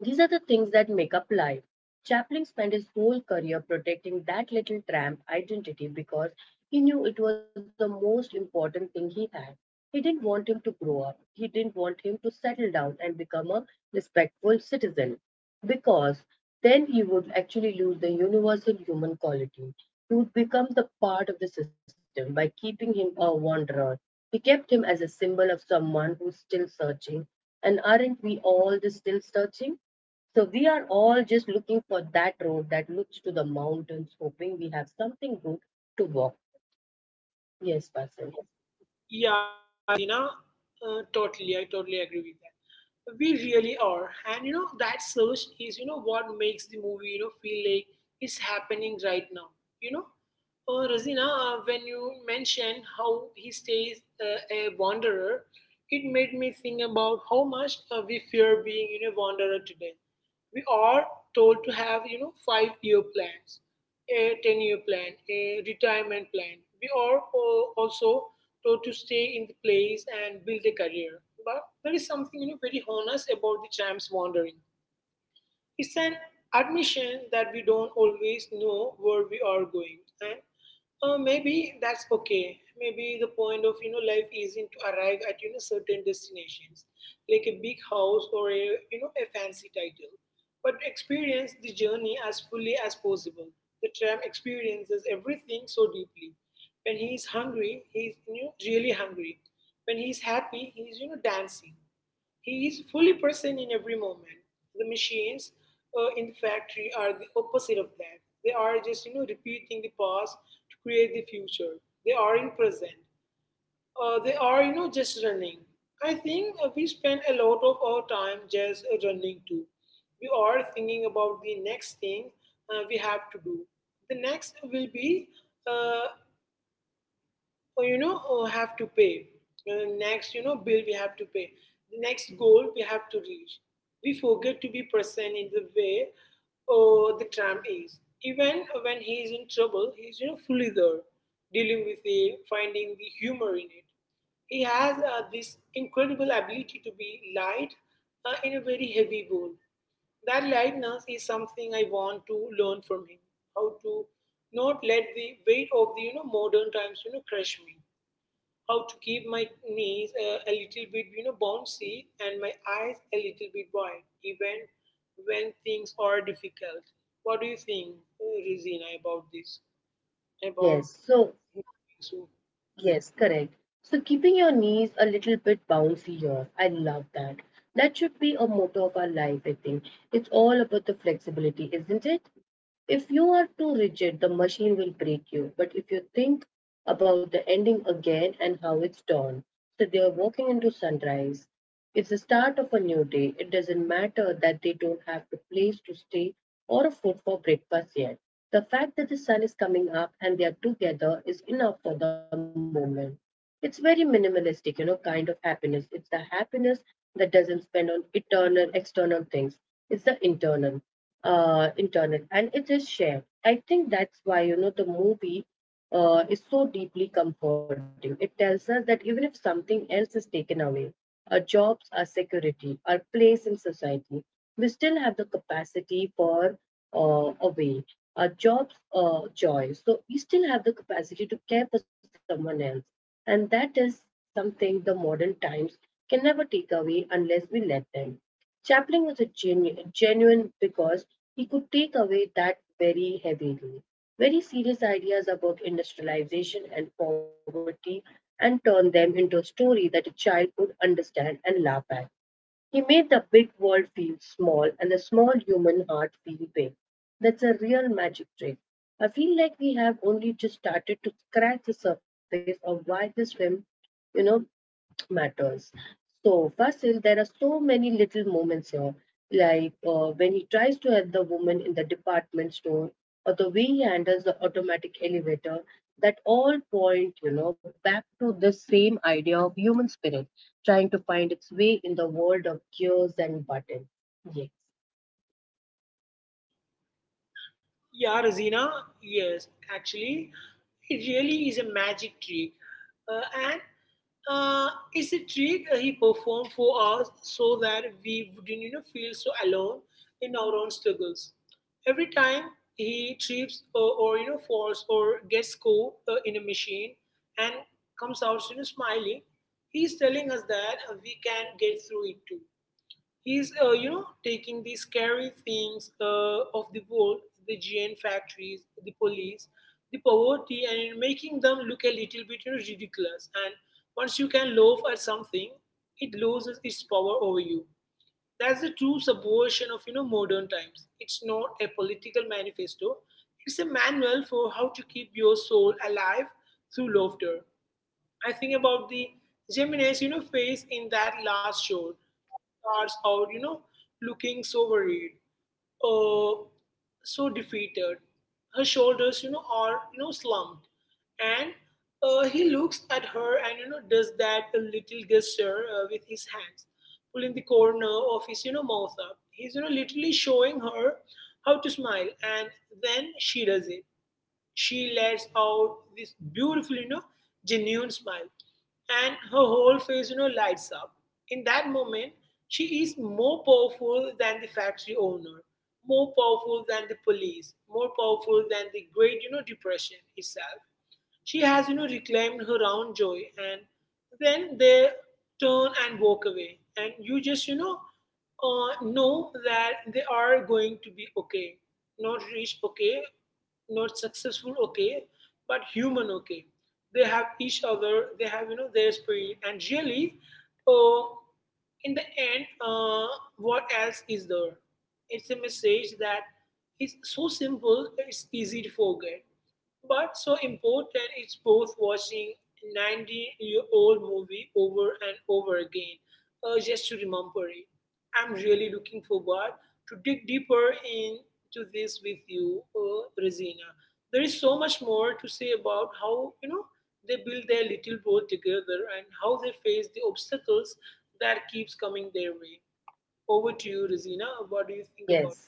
These are the things that make up life. Chaplin spent his whole career protecting that little tramp identity because he knew it was the most important thing he had. He didn't want him to grow up. He didn't want him to settle down and become a respectful citizen because then he would actually lose the universal human quality. He would become the part of the system. By keeping him a wanderer, he kept him as a symbol of someone who's still searching. And aren't we all the still searching? So we are all just looking for that road that looks to the mountains, hoping we have something good to walk. Yes, Basil.
Yeah, Razina, totally. I totally agree with that. We really are, and that search is, what makes the movie, feel like it's happening right now. You know, oh, Razina, when you mentioned how he stays a wanderer, it made me think about how much we fear being wanderer today. We are told to have, five-year plans, a 10-year plan, a retirement plan. We are also told to stay in the place and build a career. But there is something, very honest about the tram's wandering. It's an admission that we don't always know where we are going. And maybe that's okay. Maybe the point of life isn't to arrive at certain destinations like a big house or a a fancy title, but experience the journey as fully as possible. The tram experiences everything so deeply. When he is hungry, he is really hungry. When he is happy, he is dancing. He is fully present in every moment. The machines in the factory are the opposite of that. They are just repeating the past to create the future. They are in present. They are just running. I think we spend a lot of our time just running too. We are thinking about the next thing we have to do. The next will be uh, oh, oh, have to pay. Next bill we have to pay, the next goal we have to reach. We forget to be present in the way or the tram is. Even when he is in trouble, he's fully there, dealing with it, finding the humor in it. He has this incredible ability to be light in a very heavy bowl. That lightness is something I want to learn from him. How to not let the weight of the modern times crush me. How to keep my knees a little bit bouncy and my eyes a little bit wide, even when things are difficult. What do you think, Rizina, about this? About
Yes. So
so.
yes, correct. So keeping your knees a little bit bouncy here. I love that. That should be a motto of our life, I think. It's all about the flexibility, isn't it? If you are too rigid, the machine will break you. But if you think about the ending again and how it's done, so they are walking into sunrise. It's the start of a new day. It doesn't matter that they don't have a place to stay or a food for breakfast yet. The fact that the sun is coming up and they are together is enough for the moment. It's very minimalistic, you know, kind of happiness. It's the happiness that doesn't spend on eternal external things. It's the internal, internal, and it is shared. I think that's why you know the movie is so deeply comforting. It tells us that even if something else is taken away, our jobs, our security, our place in society, we still have the capacity for a way, our jobs, joy. So we still have the capacity to care for someone else. And that is something the modern times can never take away unless we let them. Chaplin was a genu- genuine because he could take away that very heavily, very serious ideas about industrialization and poverty and turn them into a story that a child could understand and laugh at. He made the big world feel small and the small human heart feel big. That's a real magic trick. I feel like we have only just started to scratch the surface of why this film, you know, matters. So first there are so many little moments here, like when he tries to help the woman in the department store, or the way he handles the automatic elevator, that all point you know back to the same idea of human spirit trying to find its way in the world of gears and buttons. Yes,
Yeah, Rosina, yes, actually, it really is a magic trick. And uh, it's a trick he performed for us so that we wouldn't feel so alone in our own struggles. Every time he trips or falls or gets caught in a machine and comes out smiling, he's telling us that we can get through it too. He's, taking the scary things of the world, the GN factories, the police, the poverty, and making them look a little bit ridiculous. And once you can laugh at something, it loses its power over you. That's the true subversion of modern times. It's not a political manifesto. It's a manual for how to keep your soul alive through laughter. I think about the Gemini's, face in that last shot. Starts out, looking so worried, uh, so defeated. Her shoulders, are slumped, and he looks at her and does that a little gesture with his hands, pulling the corner of his mouth up. He's literally showing her how to smile, and then she does it. She lets out this beautiful, genuine smile, and her whole face, lights up. In that moment, she is more powerful than the factory owner, more powerful than the police, more powerful than the Great Depression itself. She has, reclaimed her own joy, and then they turn and walk away, and you just, know that they are going to be okay, not reach okay, not successful okay, but human okay. They have each other, they have their spirit. And really, uh, in the end, what else is there? It's a message that is so simple it's easy to forget, but so important. It's both watching 90-year-old movie over and over again just to remember it. I'm really looking forward to dig deeper into this with you, Regina. There is so much more to say about how they build their little world together and how they face the obstacles that keeps coming their way. Over to you, Resina. What do you think about?
yes,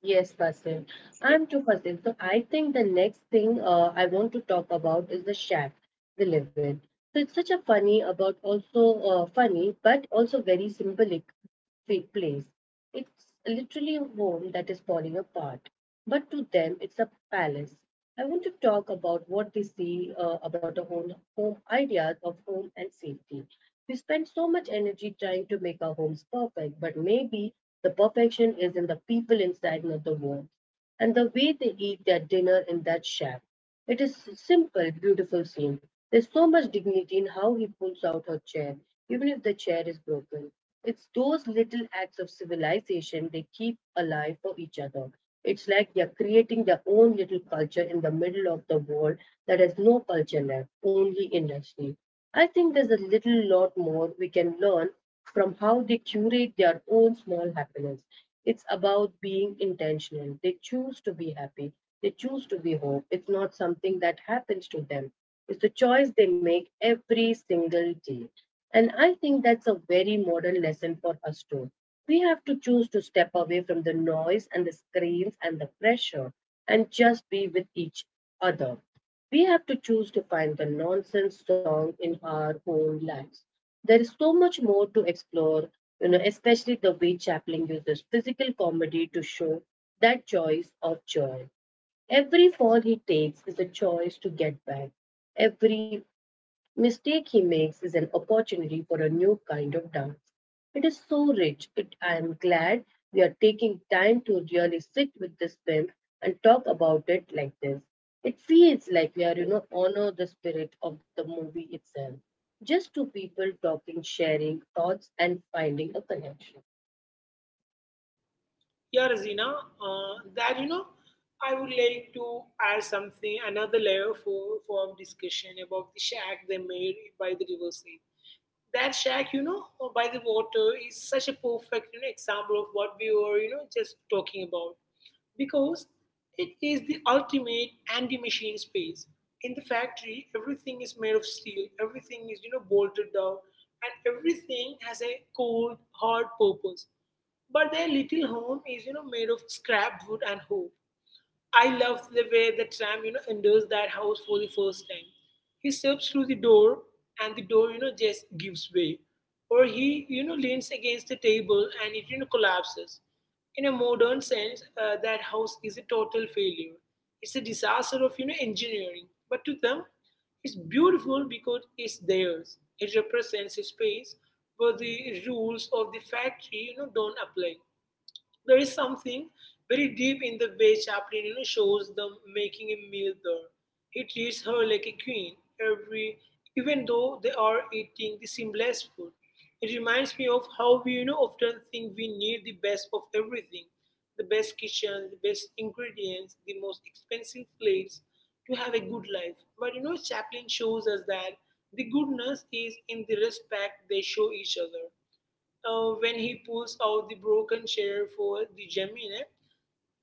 yes, Fasil. I'm too Fasil. So I think the next thing I want to talk about is the shack we live in. So it's such a funny, about also funny, but also very symbolic place. It's literally a home that is falling apart, but to them, it's a palace. I want to talk about what they see about a home, home ideas of home and safety. We spend so much energy trying to make our homes perfect, but maybe the perfection is in the people inside, not the walls, and the way they eat their dinner in that shack. It is a simple, beautiful scene. There's so much dignity in how he pulls out her chair, even if the chair is broken. It's those little acts of civilization they keep alive for each other. It's like they're creating their own little culture in the middle of the world that has no culture left, only industry. I think there's a little lot more we can learn from how they curate their own small happiness. It's about being intentional. They choose to be happy, they choose to be whole. It's not something that happens to them, it's a choice they make every single day. And I think that's a very modern lesson for us too. We have to choose to step away from the noise and the screens and the pressure and just be with each other. We have to choose to find the nonsense song in our own lives. There is so much more to explore, you know, especially the way Chaplin uses physical comedy to show that choice of joy. Every fall he takes is a choice to get back. Every mistake he makes is an opportunity for a new kind of dance. It is so rich. It, I am glad we are taking time to really sit with this film and talk about it like this. It feels like we are, you know, honor the spirit of the movie itself. Just two people talking, sharing thoughts, and finding a connection.
Yeah, Razina, uh, that you know, I would like to add something, another layer for discussion about the shack they made by the riverside. That shack, by the water is such a perfect example of what we were, just talking about, because it is the ultimate anti-machine space. In the factory, everything is made of steel, everything is bolted down, and everything has a cold, hard purpose. But their little home is made of scrap wood and hope. I loved the way the tram, enters that house for the first time. He steps through the door and the door, just gives way. Or he, leans against the table and it, collapses. In a modern sense, that house is a total failure. It's a disaster of, engineering. But to them, it's beautiful because it's theirs. It represents a space where the rules of the factory, don't apply. There is something very deep in the way Chaplin shows them making a meal there. He treats her like a queen, every even though they are eating the simplest food. It reminds me of how we often think we need the best of everything, the best kitchen, the best ingredients, the most expensive plates to have a good life. But Chaplin shows us that the goodness is in the respect they show each other. When he pulls out the broken chair for the Gemini,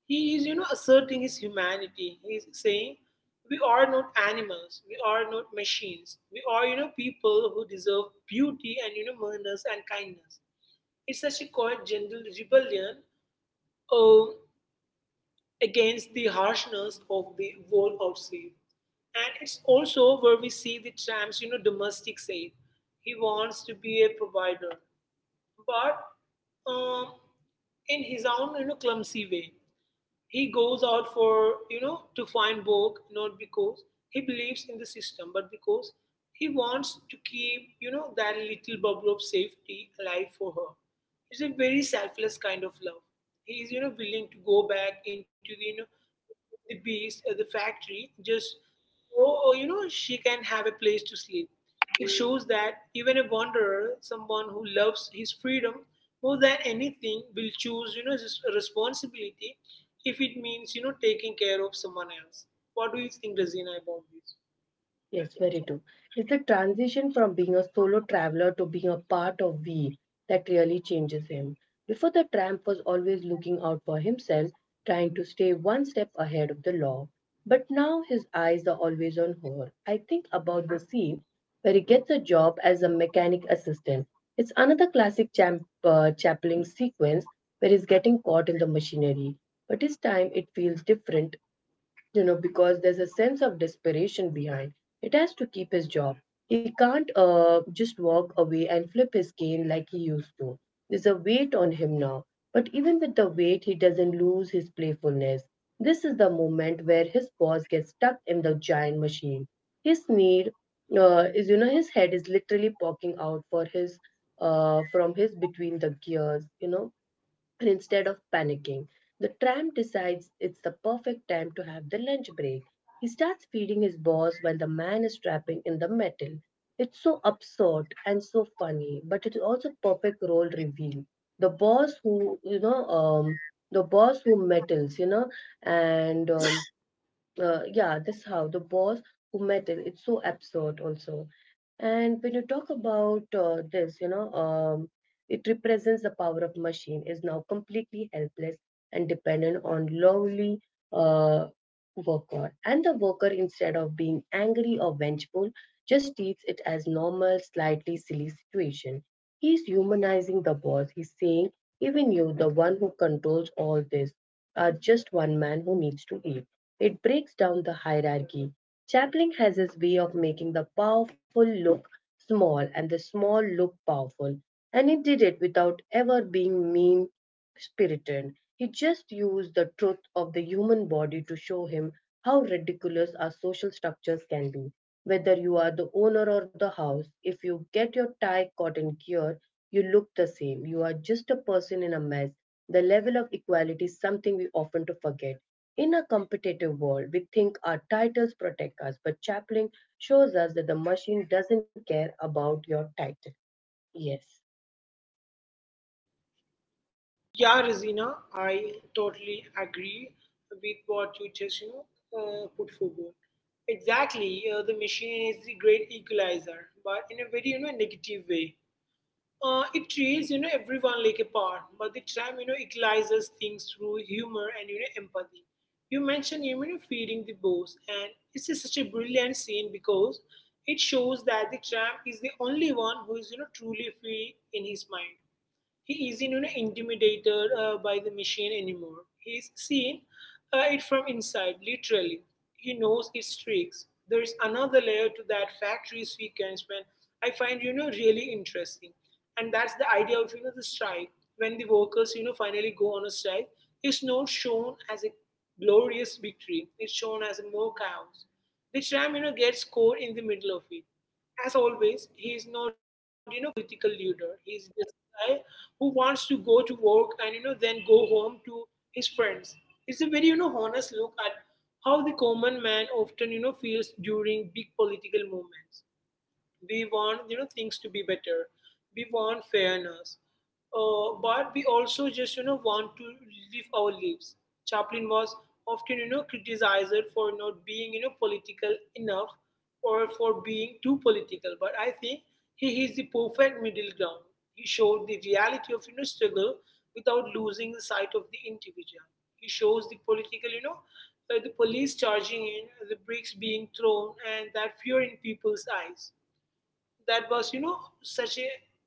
he is, asserting his humanity. He is saying, we are not animals. We are not machines. We are, people who deserve beauty and, manners and kindness. It's such a quiet, gentle rebellion uh, against the harshness of the world outside. And it's also where we see the tramp's, domestic side. He wants to be a provider, but um in his own clumsy way. He goes out to find work, not because he believes in the system, but because he wants to keep, that little bubble of safety alive for her. It's a very selfless kind of love. He is, willing to go back into the beast at the factory, just so, she can have a place to sleep. It shows that even a wanderer, someone who loves his freedom more than anything, will choose, this responsibility if it means taking care of someone else. What do you think, Razina, about this?
Yes, very true. It's the transition from being a solo traveler to being a part of we that really changes him. Before the tramp was always looking out for himself, trying to stay one step ahead of the law. But now his eyes are always on her. I think about the scene where he gets a job as a mechanic assistant. It's another classic Chaplin sequence where he's getting caught in the machinery. But this time it feels different, you know, because there's a sense of desperation behind. It has to keep his job. He can't just walk away and flip his cane like he used to. There's a weight on him now. But even with the weight, he doesn't lose his playfulness. This is the moment where his boss gets stuck in the giant machine. His need is, you know, his head is literally poking out for his from his between the gears. You know, and instead of panicking, the tramp decides it's the perfect time to have the lunch break. He starts feeding his boss while the man is trapping in the metal. It's so absurd and so funny, but it's also perfect role reveal. The boss who, you know, um, the boss who metals, you know, and yeah, this how the boss who met it. It's so absurd also. And when you talk about this, you know, it represents the power of machine is now completely helpless and dependent on lowly uh, worker. And the worker, instead of being angry or vengeful, just treats it as normal, slightly silly situation. He's humanizing the boss. He's saying, even you, the one who controls all this, are just one man who needs to eat. It breaks down the hierarchy. Chaplin has his way of making the powerful look small and the small look powerful, and he did it without ever being mean spirited. He just used the truth of the human body to show him how ridiculous our social structures can be. Whether you are the owner or the house, if you get your tie caught in gear, you look the same. You are just a person in a mess. The level of equality is something we often to forget. In a competitive world, we think our titles protect us, but Chaplin shows us that the machine doesn't care about your title. Yes,
Yeah, Razina, I totally agree with what you just put forward. Exactly, the machine is the great equalizer, but in a very negative way. It treats everyone like a part, but the tram equalizes things through humor and empathy. You mentioned feeding the boss, and this is such a brilliant scene because it shows that the tram is the only one who is truly free in his mind. He isn't intimidated by the machine anymore. He's seen it from inside, literally. He knows its tricks. There is another layer to that factory sequence when I find really interesting, and that's the idea of the strike. When the workers finally go on a strike, it's not shown as a glorious victory. It's shown as a more chaos. The tram gets caught in the middle of it. As always, he is not, political leader. He's just a guy who wants to go to work and, then go home to his friends. It's a very, honest look at how the common man often, feels during big political movements. We want things to be better. We want fairness, but we also just want to live our lives. Chaplin was often criticized for not being political enough, or for being too political. But I think he is the perfect middle ground. He showed the reality of struggle without losing the sight of the individual. He shows the political the police charging in, the bricks being thrown, and that fear in people's eyes. That was you know such a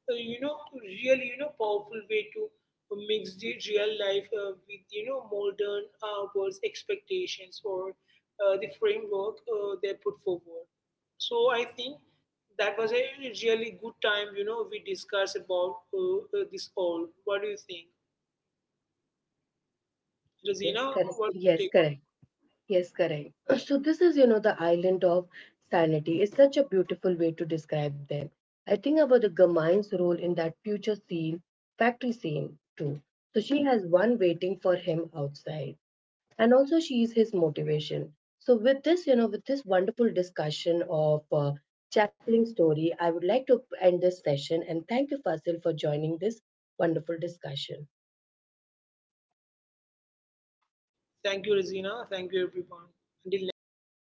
you know really powerful way to mix the real life with modern world's expectations, or the framework they put forward. So I think that was a really good time. We discussed about this all. What do you think, Razina,
yes, correct.
what's your
Yes,
take?
correct. Yes, correct. *clears throat* So this is, you know, the island of sanity is such a beautiful way to describe them. I think about the Gamaine's role in that future scene, factory scene too. So she has one waiting for him outside, and also she's his motivation. So with this, you know, with this wonderful discussion of Chaplin's story, I would like to end this session and thank you, Fasil, for joining this wonderful discussion.
Thank you, Razina. Thank you, everyone. Until next time.